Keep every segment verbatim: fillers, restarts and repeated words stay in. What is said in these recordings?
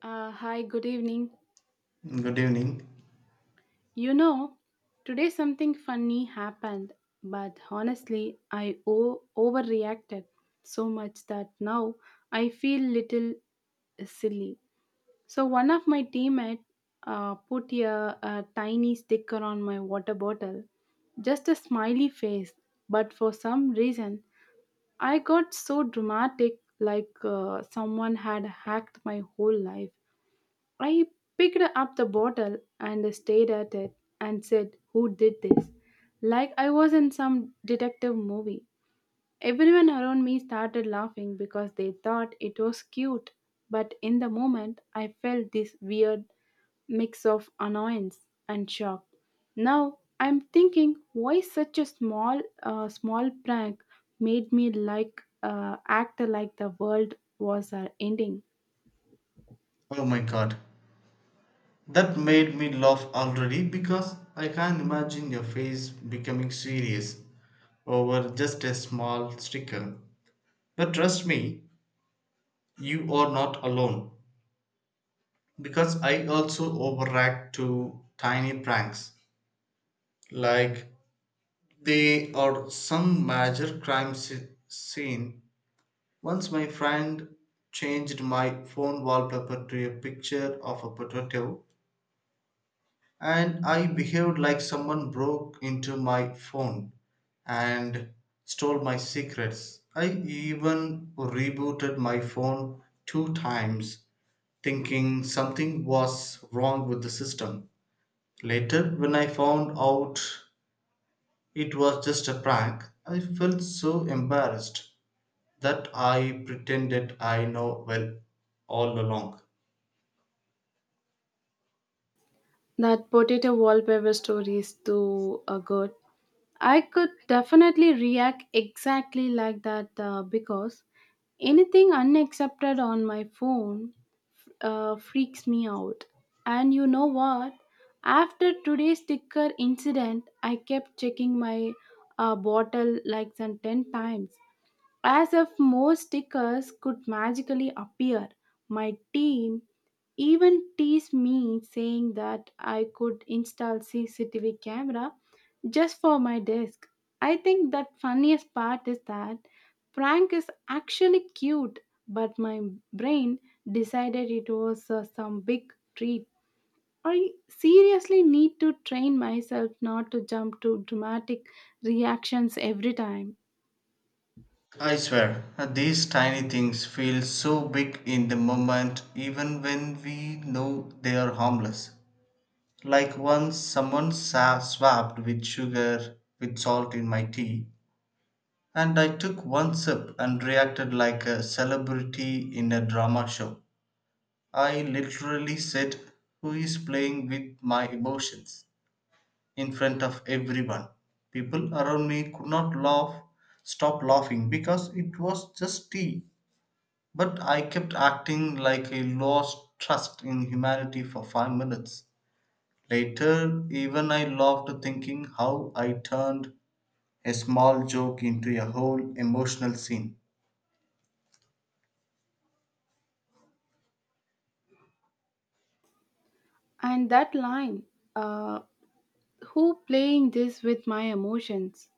Uh, hi, good evening. Good evening. You know, today something funny happened, but honestly, I o- overreacted so much that now I feel little silly. So one of my teammates uh, put a, a tiny sticker on my water bottle, just a smiley face. But for some reason, I got so dramatic, like uh, someone had hacked my whole life. I picked up the bottle and stared at it and said, "Who did this?" Like I was in some detective movie. Everyone around me started laughing because they thought it was cute, but in the moment I felt this weird mix of annoyance and shock. Now I'm thinking why such a small, uh, small prank made me like uh, act like the world was uh, ending. Oh my god. That made me laugh already because I can't imagine your face becoming serious over just a small sticker. But trust me, you are not alone because I also overreact to tiny pranks. Like they are some major crime sce- scene. Once my friend changed my phone wallpaper to a picture of a potato and I behaved like someone broke into my phone and stole my secrets. I even rebooted my phone two times, thinking something was wrong with the system. Later, when I found out it was just a prank, I felt so embarrassed that I pretended I know well all along. That potato wallpaper story is too uh, good. I could definitely react exactly like that uh, because anything unaccepted on my phone uh, freaks me out. And you know what? After today's sticker incident, I kept checking my uh, bottle like some ten times. As if more stickers could magically appear, my team even teased me saying that I could install C C T V camera just for my desk. I think that funniest part is that prank is actually cute, but my brain decided it was uh, some big treat. I seriously need to train myself not to jump to dramatic reactions every time. I swear, these tiny things feel so big in the moment even when we know they are harmless. Like once someone sa- swapped with sugar with salt in my tea, and I took one sip and reacted like a celebrity in a drama show. I literally said, "Who is playing with my emotions?" in front of everyone. People around me could not laugh, stop laughing because it was just tea. But I kept acting like I lost trust in humanity for five minutes. Later, even I loved thinking how I turned a small joke into a whole emotional scene. And that line, uh, who playing this with my emotions?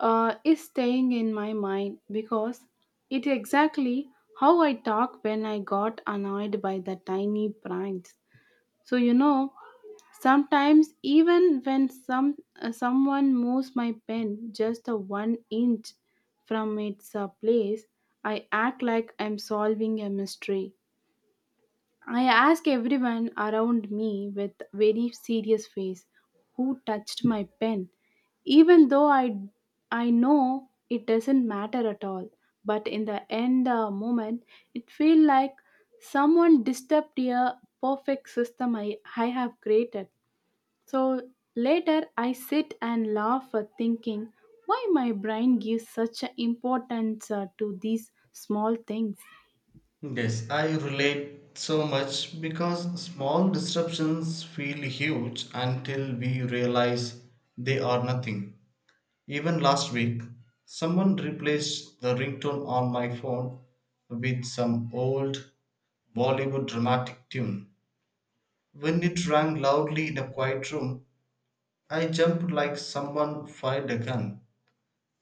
uh, Is staying in my mind because it exactly how I talk when I got annoyed by the tiny pranks. So you know, sometimes even when some uh, someone moves my pen just a one inch from its uh, place, I act like I'm solving a mystery. I asked everyone around me with very serious face who touched my pen, even though I, I know it doesn't matter at all. But in the end uh, moment, it felt like someone disturbed a perfect system I, I have created. So later, I sit and laugh at thinking why my brain gives such a importance uh, to these small things. Yes, I relate so much because small disruptions feel huge until we realize they are nothing. Even last week, someone replaced the ringtone on my phone with some old Bollywood dramatic tune. When it rang loudly in a quiet room, I jumped like someone fired a gun.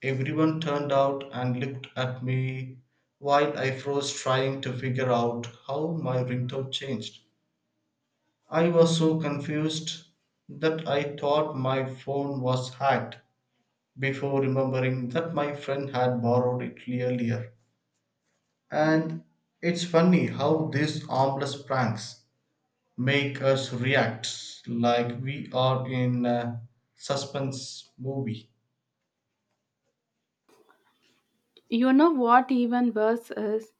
Everyone turned out and looked at me while I froze trying to figure out how my ringtone changed. I was so confused that I thought my phone was hacked before remembering that my friend had borrowed it earlier. And it's funny how these harmless pranks make us react like we are in a suspense movie. You know what even worse is?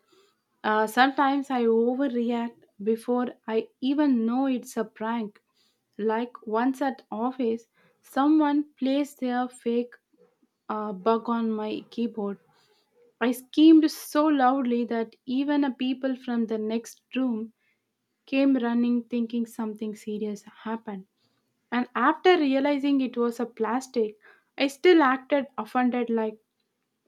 Uh, sometimes I overreact before I even know it's a prank. Like once at office, someone placed their fake uh, bug on my keyboard. I screamed so loudly that even a people from the next room came running thinking something serious happened. And after realizing it was a plastic, I still acted offended like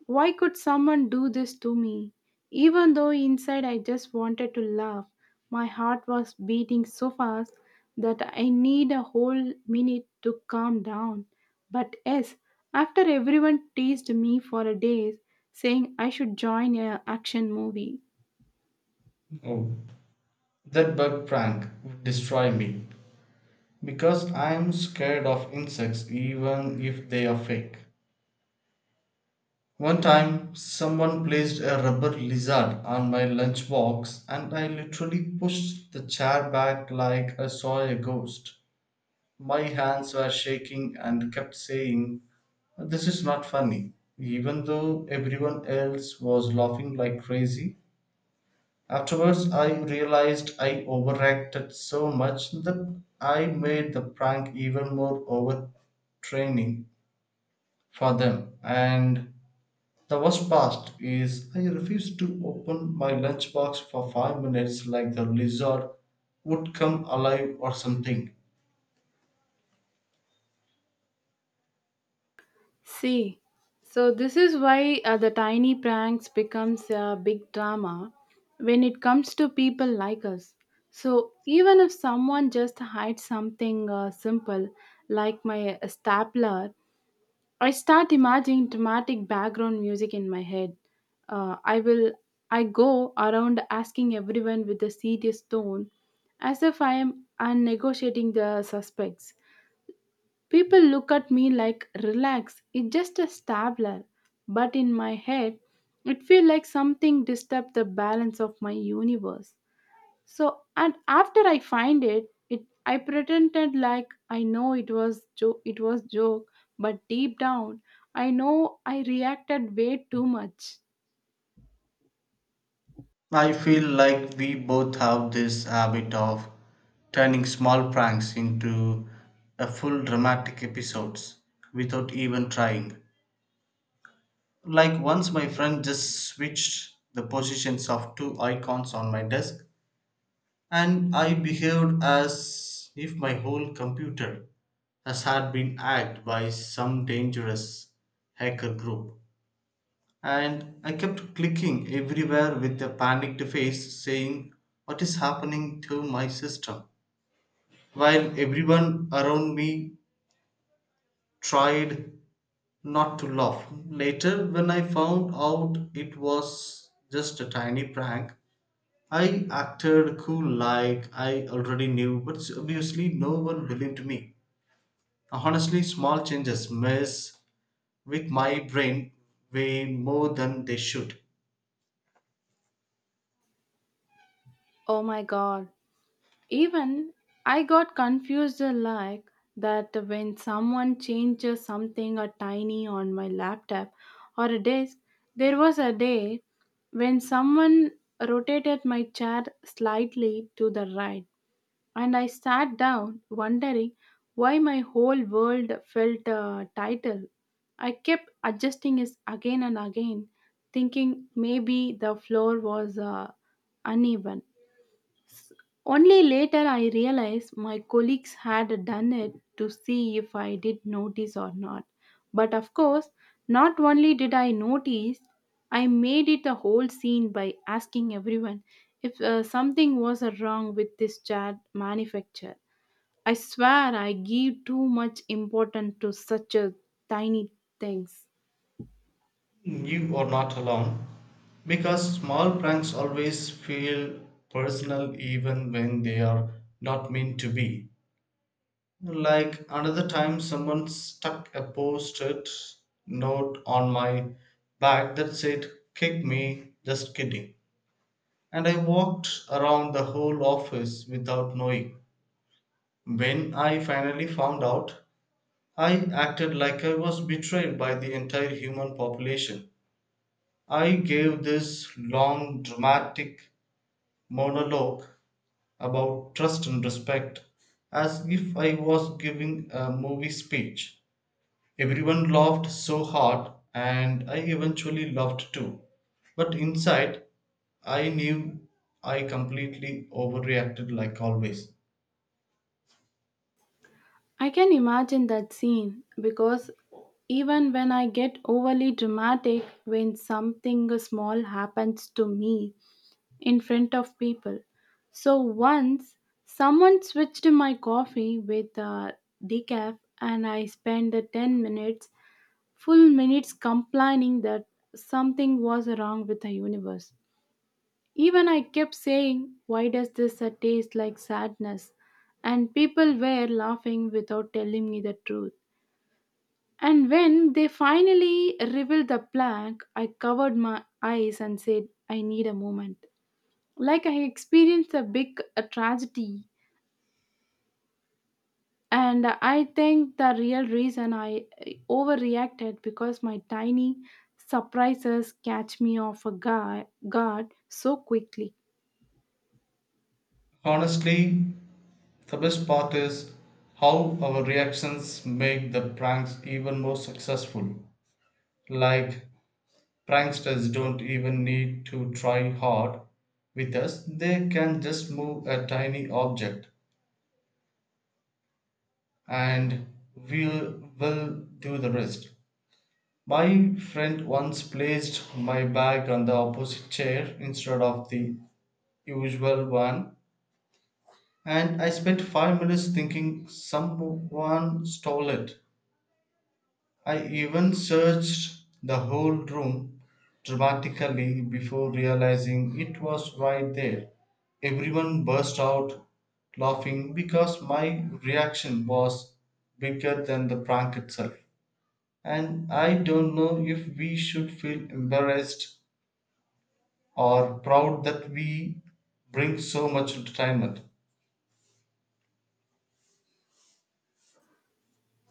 why could someone do this to me? Even though inside I just wanted to laugh, my heart was beating so fast that I need a whole minute to calm down. But yes, after everyone teased me for a day, saying I should join a action movie. Oh, that bug prank would destroy me because I'm scared of insects even if they are fake. One time, someone placed a rubber lizard on my lunchbox and I literally pushed the chair back like I saw a ghost. My hands were shaking and kept saying, "This is not funny," even though everyone else was laughing like crazy. Afterwards, I realized I overacted so much that I made the prank even more overtraining for them. And the worst part is, I refused to open my lunchbox for five minutes like the lizard would come alive or something. See, so this is why uh, the tiny pranks becomes a big drama when it comes to people like us. So even if someone just hides something uh, simple like my stapler, I start imagining dramatic background music in my head. Uh, I will I go around asking everyone with a serious tone as if I am uh, negotiating the suspects. People look at me like, relax, it's just a stabler. But in my head, it feels like something disturbed the balance of my universe. So, and after I find it, it I pretended like I know it was jo- it was joke, but deep down, I know I reacted way too much. I feel like we both have this habit of turning small pranks into a full dramatic episodes without even trying. Like once my friend just switched the positions of two icons on my desk and I behaved as if my whole computer has had been hacked by some dangerous hacker group. And I kept clicking everywhere with a panicked face, saying, "What is happening to my system?" While everyone around me tried not to laugh. Later, when I found out it was just a tiny prank, I acted cool like I already knew, but obviously no one believed me. Honestly, small changes mess with my brain way more than they should. Oh my god. Even I got confused uh, like that when someone changes something a tiny on my laptop or a desk. There was a day when someone rotated my chair slightly to the right, and I sat down wondering why my whole world felt uh, title. I kept adjusting it again and again, thinking maybe the floor was uh, uneven. Only later I realized my colleagues had done it to see if I did notice or not. But of course, not only did I notice, I made it a whole scene by asking everyone if uh, something was uh, wrong with this chair manufacture. I swear I give too much importance to such a tiny things. You are not alone because small pranks always feel personal even when they are not meant to be. Like another time, someone stuck a post it note on my back that said, "Kick me, just kidding." And I walked around the whole office without knowing. When I finally found out, I acted like I was betrayed by the entire human population. I gave this long dramatic monologue about trust and respect as if I was giving a movie speech. Everyone laughed so hard, and I eventually laughed too. But inside, I knew I completely overreacted like always. I can imagine that scene because even when I get overly dramatic when something small happens to me in front of people. So once someone switched my coffee with uh, decaf and I spent the ten minutes, full minutes complaining that something was wrong with the universe. Even I kept saying, "Why does this uh, taste like sadness?" And people were laughing without telling me the truth. And when they finally revealed the plaque, I covered my eyes and said, "I need a moment." Like I experienced a big uh, tragedy. And I think the real reason I uh, overreacted because my tiny surprises catch me off a guard, guard so quickly. Honestly, the best part is how our reactions make the pranks even more successful. Like pranksters don't even need to try hard with us, they can just move a tiny object and we'll, we'll do the rest. My friend once placed my bag on the opposite chair instead of the usual one, and I spent five minutes thinking someone stole it. I even searched the whole room dramatically before realizing it was right there. Everyone burst out laughing because my reaction was bigger than the prank itself. And I don't know if we should feel embarrassed or proud that we bring so much entertainment.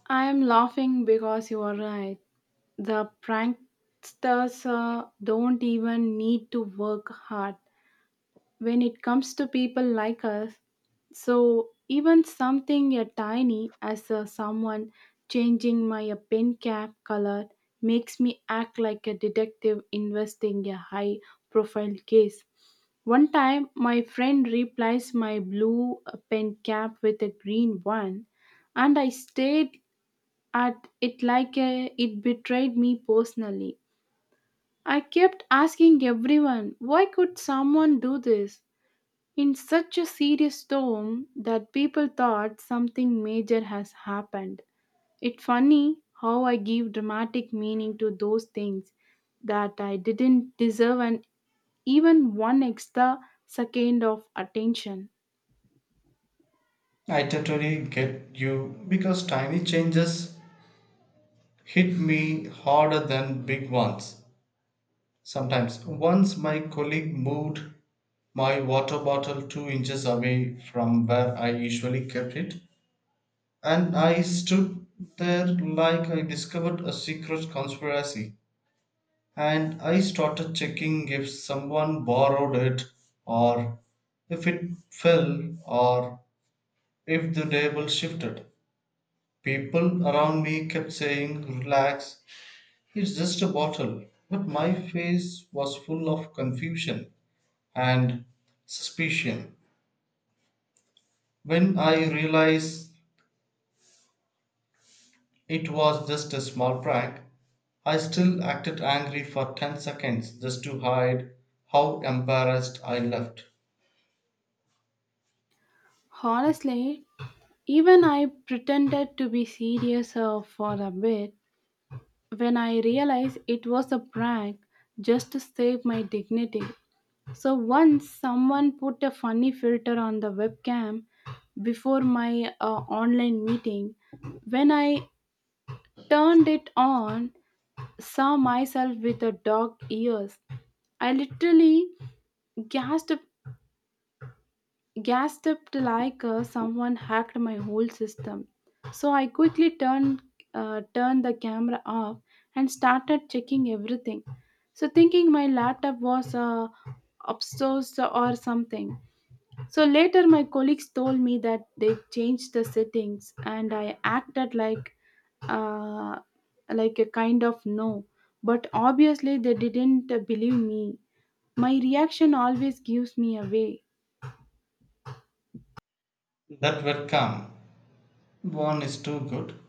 I am laughing because you are right. The pranksters uh, don't even need to work hard. When it comes to people like us, so even something a tiny as a someone changing my a pen cap color makes me act like a detective investing a high profile case. One time my friend replaced my blue uh, pen cap with a green one and I stared at it like a, it betrayed me personally. I kept asking everyone, "Why could someone do this?" in such a serious tone that people thought something major has happened. It's funny how I give dramatic meaning to those things that I didn't deserve and even one extra second of attention. I totally get you because tiny changes hit me harder than big ones. Sometimes. Once my colleague moved my water bottle two inches away from where I usually kept it, and I stood there like I discovered a secret conspiracy. And I started checking if someone borrowed it, or if it fell, or if the table shifted. People around me kept saying, "Relax, it's just a bottle." But my face was full of confusion. And suspicion. When I realized it was just a small prank, I still acted angry for ten seconds just to hide how embarrassed I left. Honestly, even I pretended to be serious uh, for a bit when I realized it was a prank just to save my dignity. So once someone put a funny filter on the webcam before my uh, online meeting. When I turned it on, saw myself with a dog ears. I literally gasped, gasped like uh, someone hacked my whole system. So I quickly turned uh, turned the camera off and started checking everything. So thinking my laptop was uh, upstairs or something. So later, my colleagues told me that they changed the settings, and I acted like uh, like a kind of no. But obviously, they didn't believe me. My reaction always gives me away. That webcam one is too good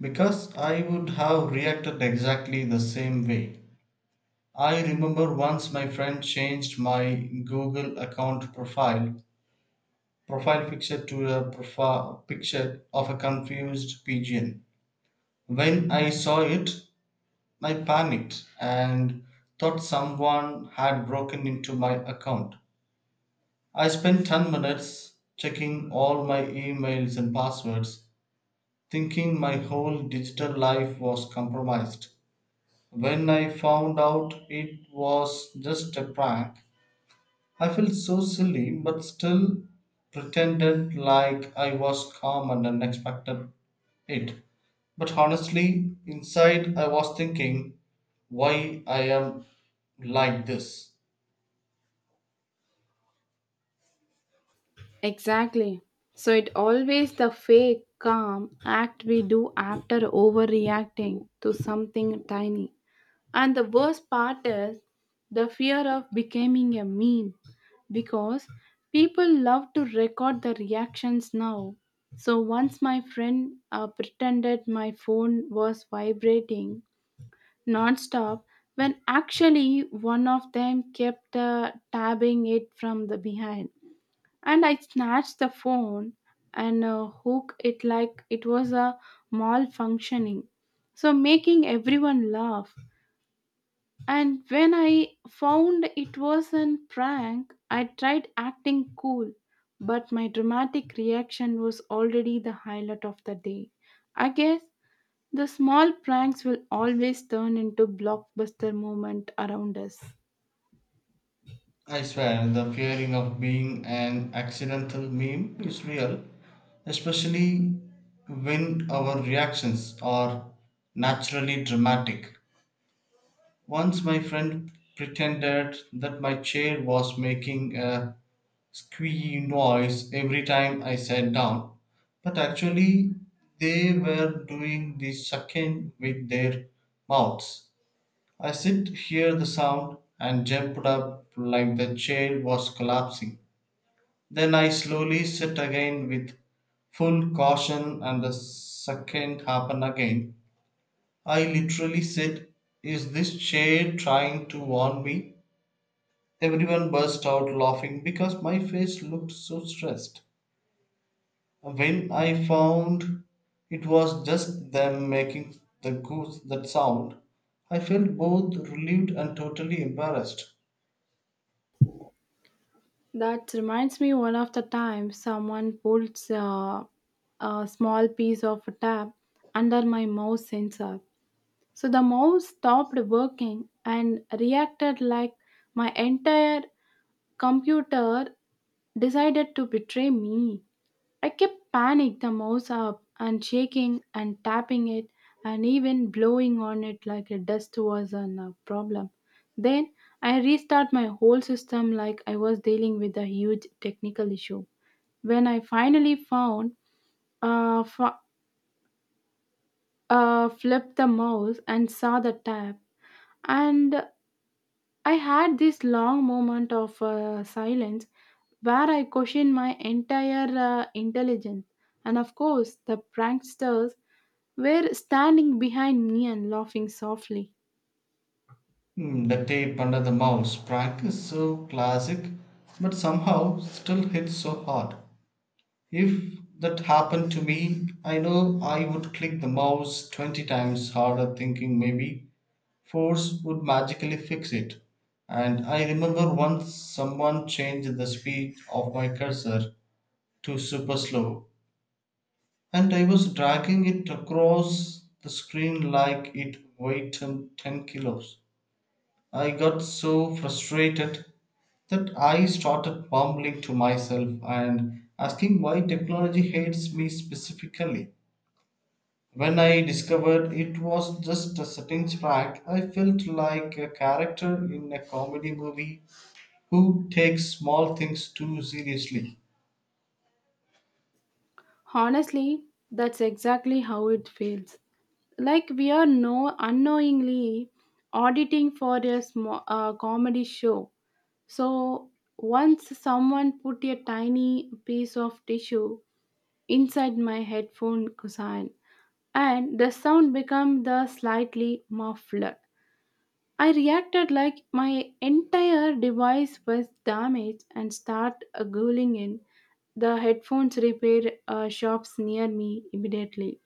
because I would have reacted exactly the same way. I remember once my friend changed my Google account profile profile picture to a profile picture of a confused pigeon. When I saw it, I panicked and thought someone had broken into my account. I spent ten minutes checking all my emails and passwords, thinking my whole digital life was compromised. When I found out it was just a prank, I felt so silly, but still pretended like I was calm and unexpected it. But honestly, inside I was thinking why I am like this. Exactly. So it always the fake calm act we do after overreacting to something tiny. And the worst part is the fear of becoming a meme because people love to record the reactions now. So once my friend uh, pretended my phone was vibrating non-stop when actually one of them kept uh, tabbing it from the behind and I snatched the phone and uh, hooked it like it was a malfunctioning, so making everyone laugh. And when I found it was a prank, I tried acting cool, but my dramatic reaction was already the highlight of the day. I guess the small pranks will always turn into blockbuster moment around us. I swear the fearing of being an accidental meme is real, especially when our reactions are naturally dramatic. Once my friend pretended that my chair was making a squeaky noise every time I sat down, but actually they were doing the sucking with their mouths. I sit hear the sound and jumped up like the chair was collapsing. Then I slowly sit again with full caution and the second happened again. I literally said, "Is this chair trying to warn me?" Everyone burst out laughing because my face looked so stressed. When I found it was just them making the goose that sound, I felt both relieved and totally embarrassed. That reminds me one of the time someone pulled uh, a small piece of tap under my mouse sensor. So the mouse stopped working and reacted like my entire computer decided to betray me. I kept panic the mouse up and shaking and tapping it and even blowing on it like a dust was an uh, problem. Then I restart my whole system like I was dealing with a huge technical issue. When I finally found uh, f- uh, flipped the mouse and saw the tab and I had this long moment of uh, silence where I questioned my entire uh, intelligence. And of course, the pranksters were standing behind me and laughing softly. Hmm, the tape under the mouse prank is so classic, but somehow still hits so hard. If that happened to me, I know I would click the mouse twenty times harder, thinking maybe force would magically fix it. And I remember once someone changed the speed of my cursor to super slow, and I was dragging it across the screen like it weighed 10 ten kilos. I got so frustrated that I started mumbling to myself and asking why technology hates me specifically. When I discovered it was just a settings hack, I felt like a character in a comedy movie who takes small things too seriously. Honestly, that's exactly how it feels. Like we are no unknowingly auditing for a sm- uh, comedy show. So once someone put a tiny piece of tissue inside my headphone cushion and the sound became the slightly muffled. I reacted like my entire device was damaged and start uh, googling in the headphones repair uh, shops near me immediately.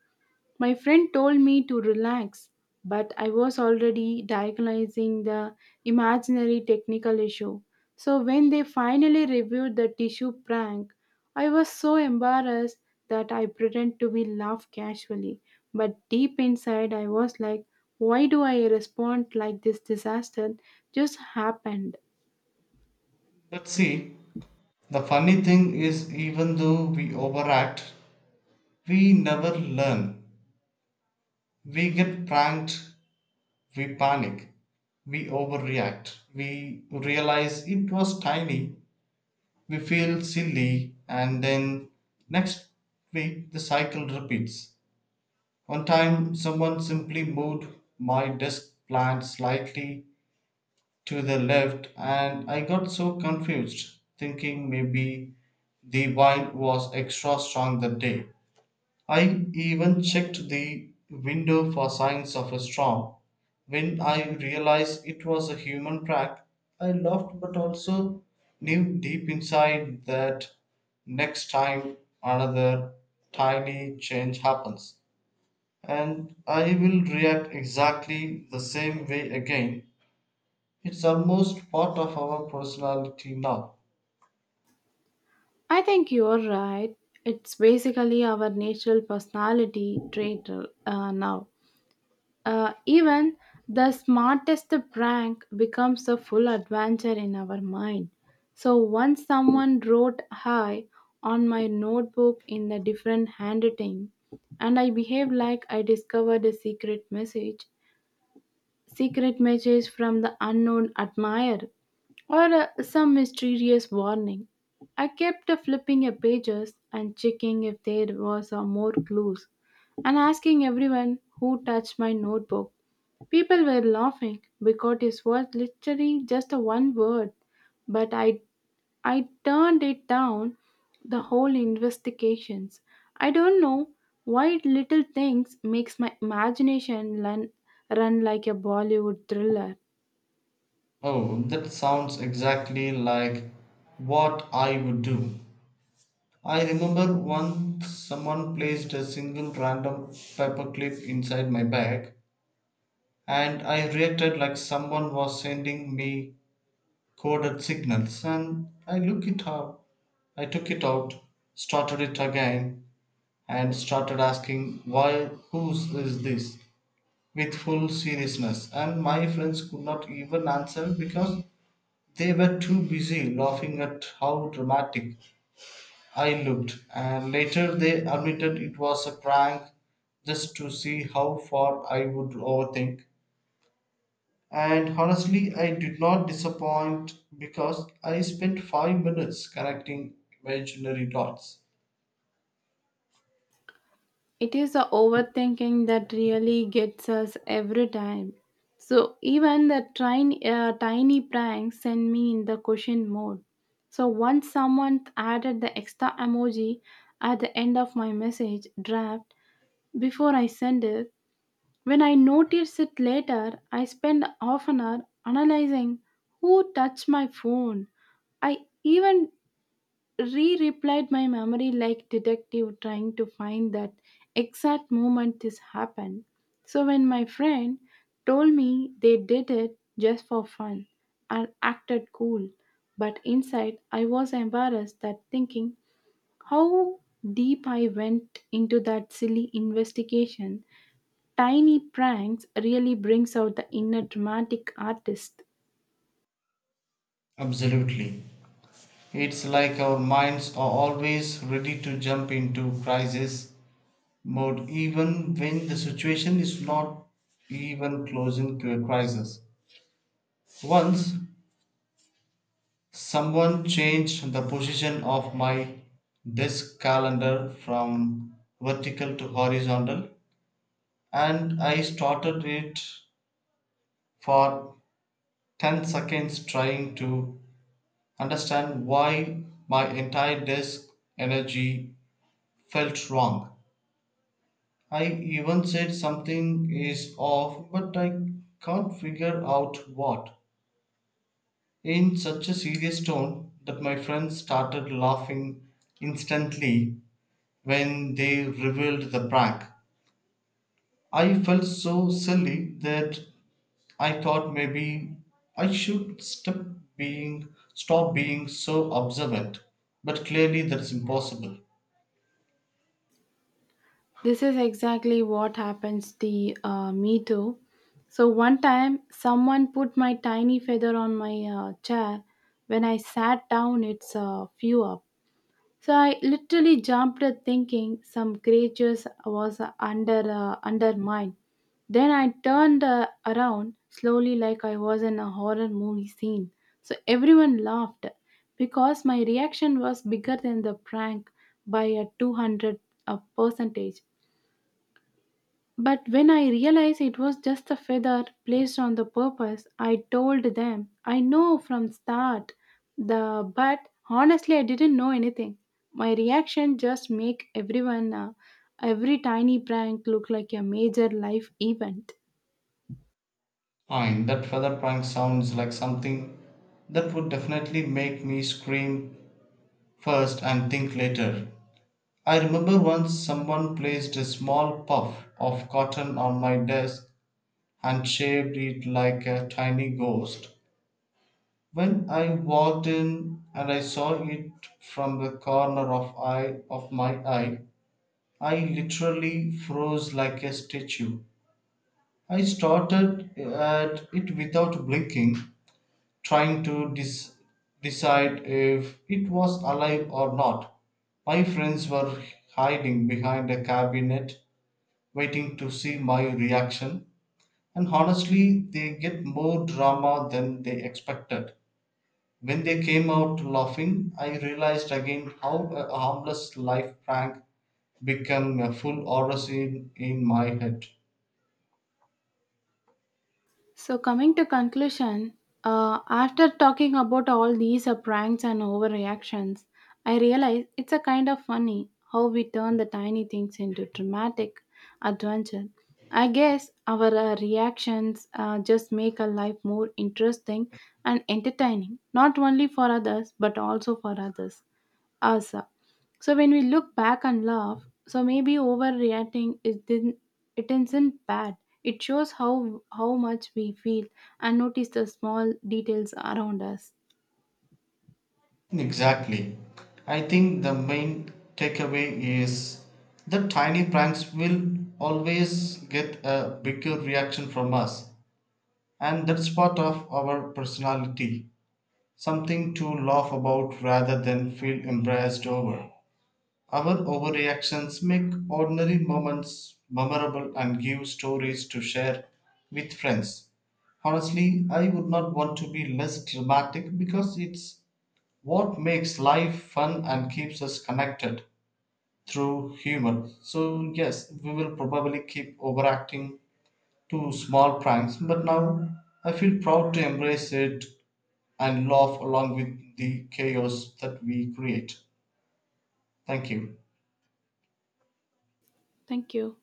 My friend told me to relax, but I was already diagnosing the imaginary technical issue. So when they finally reviewed the tissue prank, I was so embarrassed that I pretended to be laugh casually. But deep inside I was like, why do I respond like this disaster just happened? But see, the funny thing is, even though we overact, we never learn. We get pranked. We panic, we overreact, we realize it was tiny, we feel silly, and then next week the cycle repeats. One time, someone simply moved my desk plant slightly to the left, and I got so confused, thinking maybe the wine was extra strong that day. I even checked the window for signs of a storm. When I realized it was a human track, I laughed but also knew deep inside that next time another tiny change happens. And I will react exactly the same way again. It's almost part of our personality now. I think you're right. It's basically our natural personality trait uh, now. Uh, even the smartest prank becomes a full adventure in our mind. So once someone wrote hi on my notebook in a different handwriting, and I behaved like I discovered a secret message, secret message from the unknown admirer, or uh, some mysterious warning. I kept flipping a pages and checking if there was uh, more clues, and asking everyone who touched my notebook. People were laughing because it was literally just a one word, but I I turned it down the whole investigations. I don't know why little things makes my imagination run, run like a Bollywood thriller. Oh, that sounds exactly like what I would do. I remember once someone placed a single random paperclip inside my bag, and I reacted like someone was sending me coded signals. And I look it up, I took it out, started it again, and started asking why, whose is this? With full seriousness, and my friends could not even answer because they were too busy laughing at how dramatic I looked, and later they admitted it was a prank just to see how far I would overthink. And honestly, I did not disappoint because I spent five minutes connecting imaginary dots. It is the overthinking that really gets us every time. So even the tiny, uh, tiny pranks send me in the question mode. So once someone added the extra emoji at the end of my message draft before I send it, when I noticed it later, I spend half an hour analyzing who touched my phone. I even Re replied my memory like detective trying to find that exact moment this happened. So when my friend told me they did it just for fun and acted cool, but inside I was embarrassed that thinking how deep I went into that silly investigation, tiny pranks really brings out the inner dramatic artist. Absolutely. It's like our minds are always ready to jump into crisis mode even when the situation is not even close into a crisis. Once someone changed the position of my desk calendar from vertical to horizontal, and I started it for ten seconds trying to understand why my entire desk energy felt wrong. I even said something is off, but I can't figure out what. In such a serious tone that my friends started laughing instantly when they revealed the prank. I felt so silly that I thought maybe I should stop being stop being so observant. But clearly that's impossible. This is exactly what happens the uh, me too. So one time someone put my tiny feather on my uh, chair when I sat down it's a few up. So I literally jumped at thinking some creatures was under uh, under mine. Then I turned uh, around slowly like I was in a horror movie scene. So everyone laughed because my reaction was bigger than the prank by a two hundred uh, percentage. But when I realized it was just a feather placed on the purpose, I told them I know from start the but honestly I didn't know anything. My reaction just make everyone uh, every tiny prank look like a major life event. Fine, that feather prank sounds like something that would definitely make me scream first and think later. I remember once someone placed a small puff of cotton on my desk and shaved it like a tiny ghost. When I walked in and I saw it from the corner of eye of my eye, I literally froze like a statue. I started at it without blinking, trying to dis- decide if it was alive or not. My friends were hiding behind a cabinet, waiting to see my reaction, and honestly, they get more drama than they expected. When they came out laughing, I realized again how a harmless life prank became a full horror in my head. So coming to conclusion, uh, after talking about all these uh, pranks and overreactions, I realize it's a kind of funny how we turn the tiny things into dramatic adventure. I guess our uh, reactions uh, just make our life more interesting and entertaining, not only for others but also for others. Asa. So when we look back and laugh, so maybe overreacting is didn't it isn't bad. It shows how how much we feel and notice the small details around us. Exactly. I think the main takeaway is that tiny pranks will always get a bigger reaction from us, and that's part of our personality. Something to laugh about rather than feel embarrassed over. Our overreactions make ordinary moments memorable and give stories to share with friends. Honestly, I would not want to be less dramatic because it's what makes life fun and keeps us connected through humor. So, yes, we will probably keep overacting to small pranks, but now I feel proud to embrace it and laugh along with the chaos that we create. Thank you. Thank you.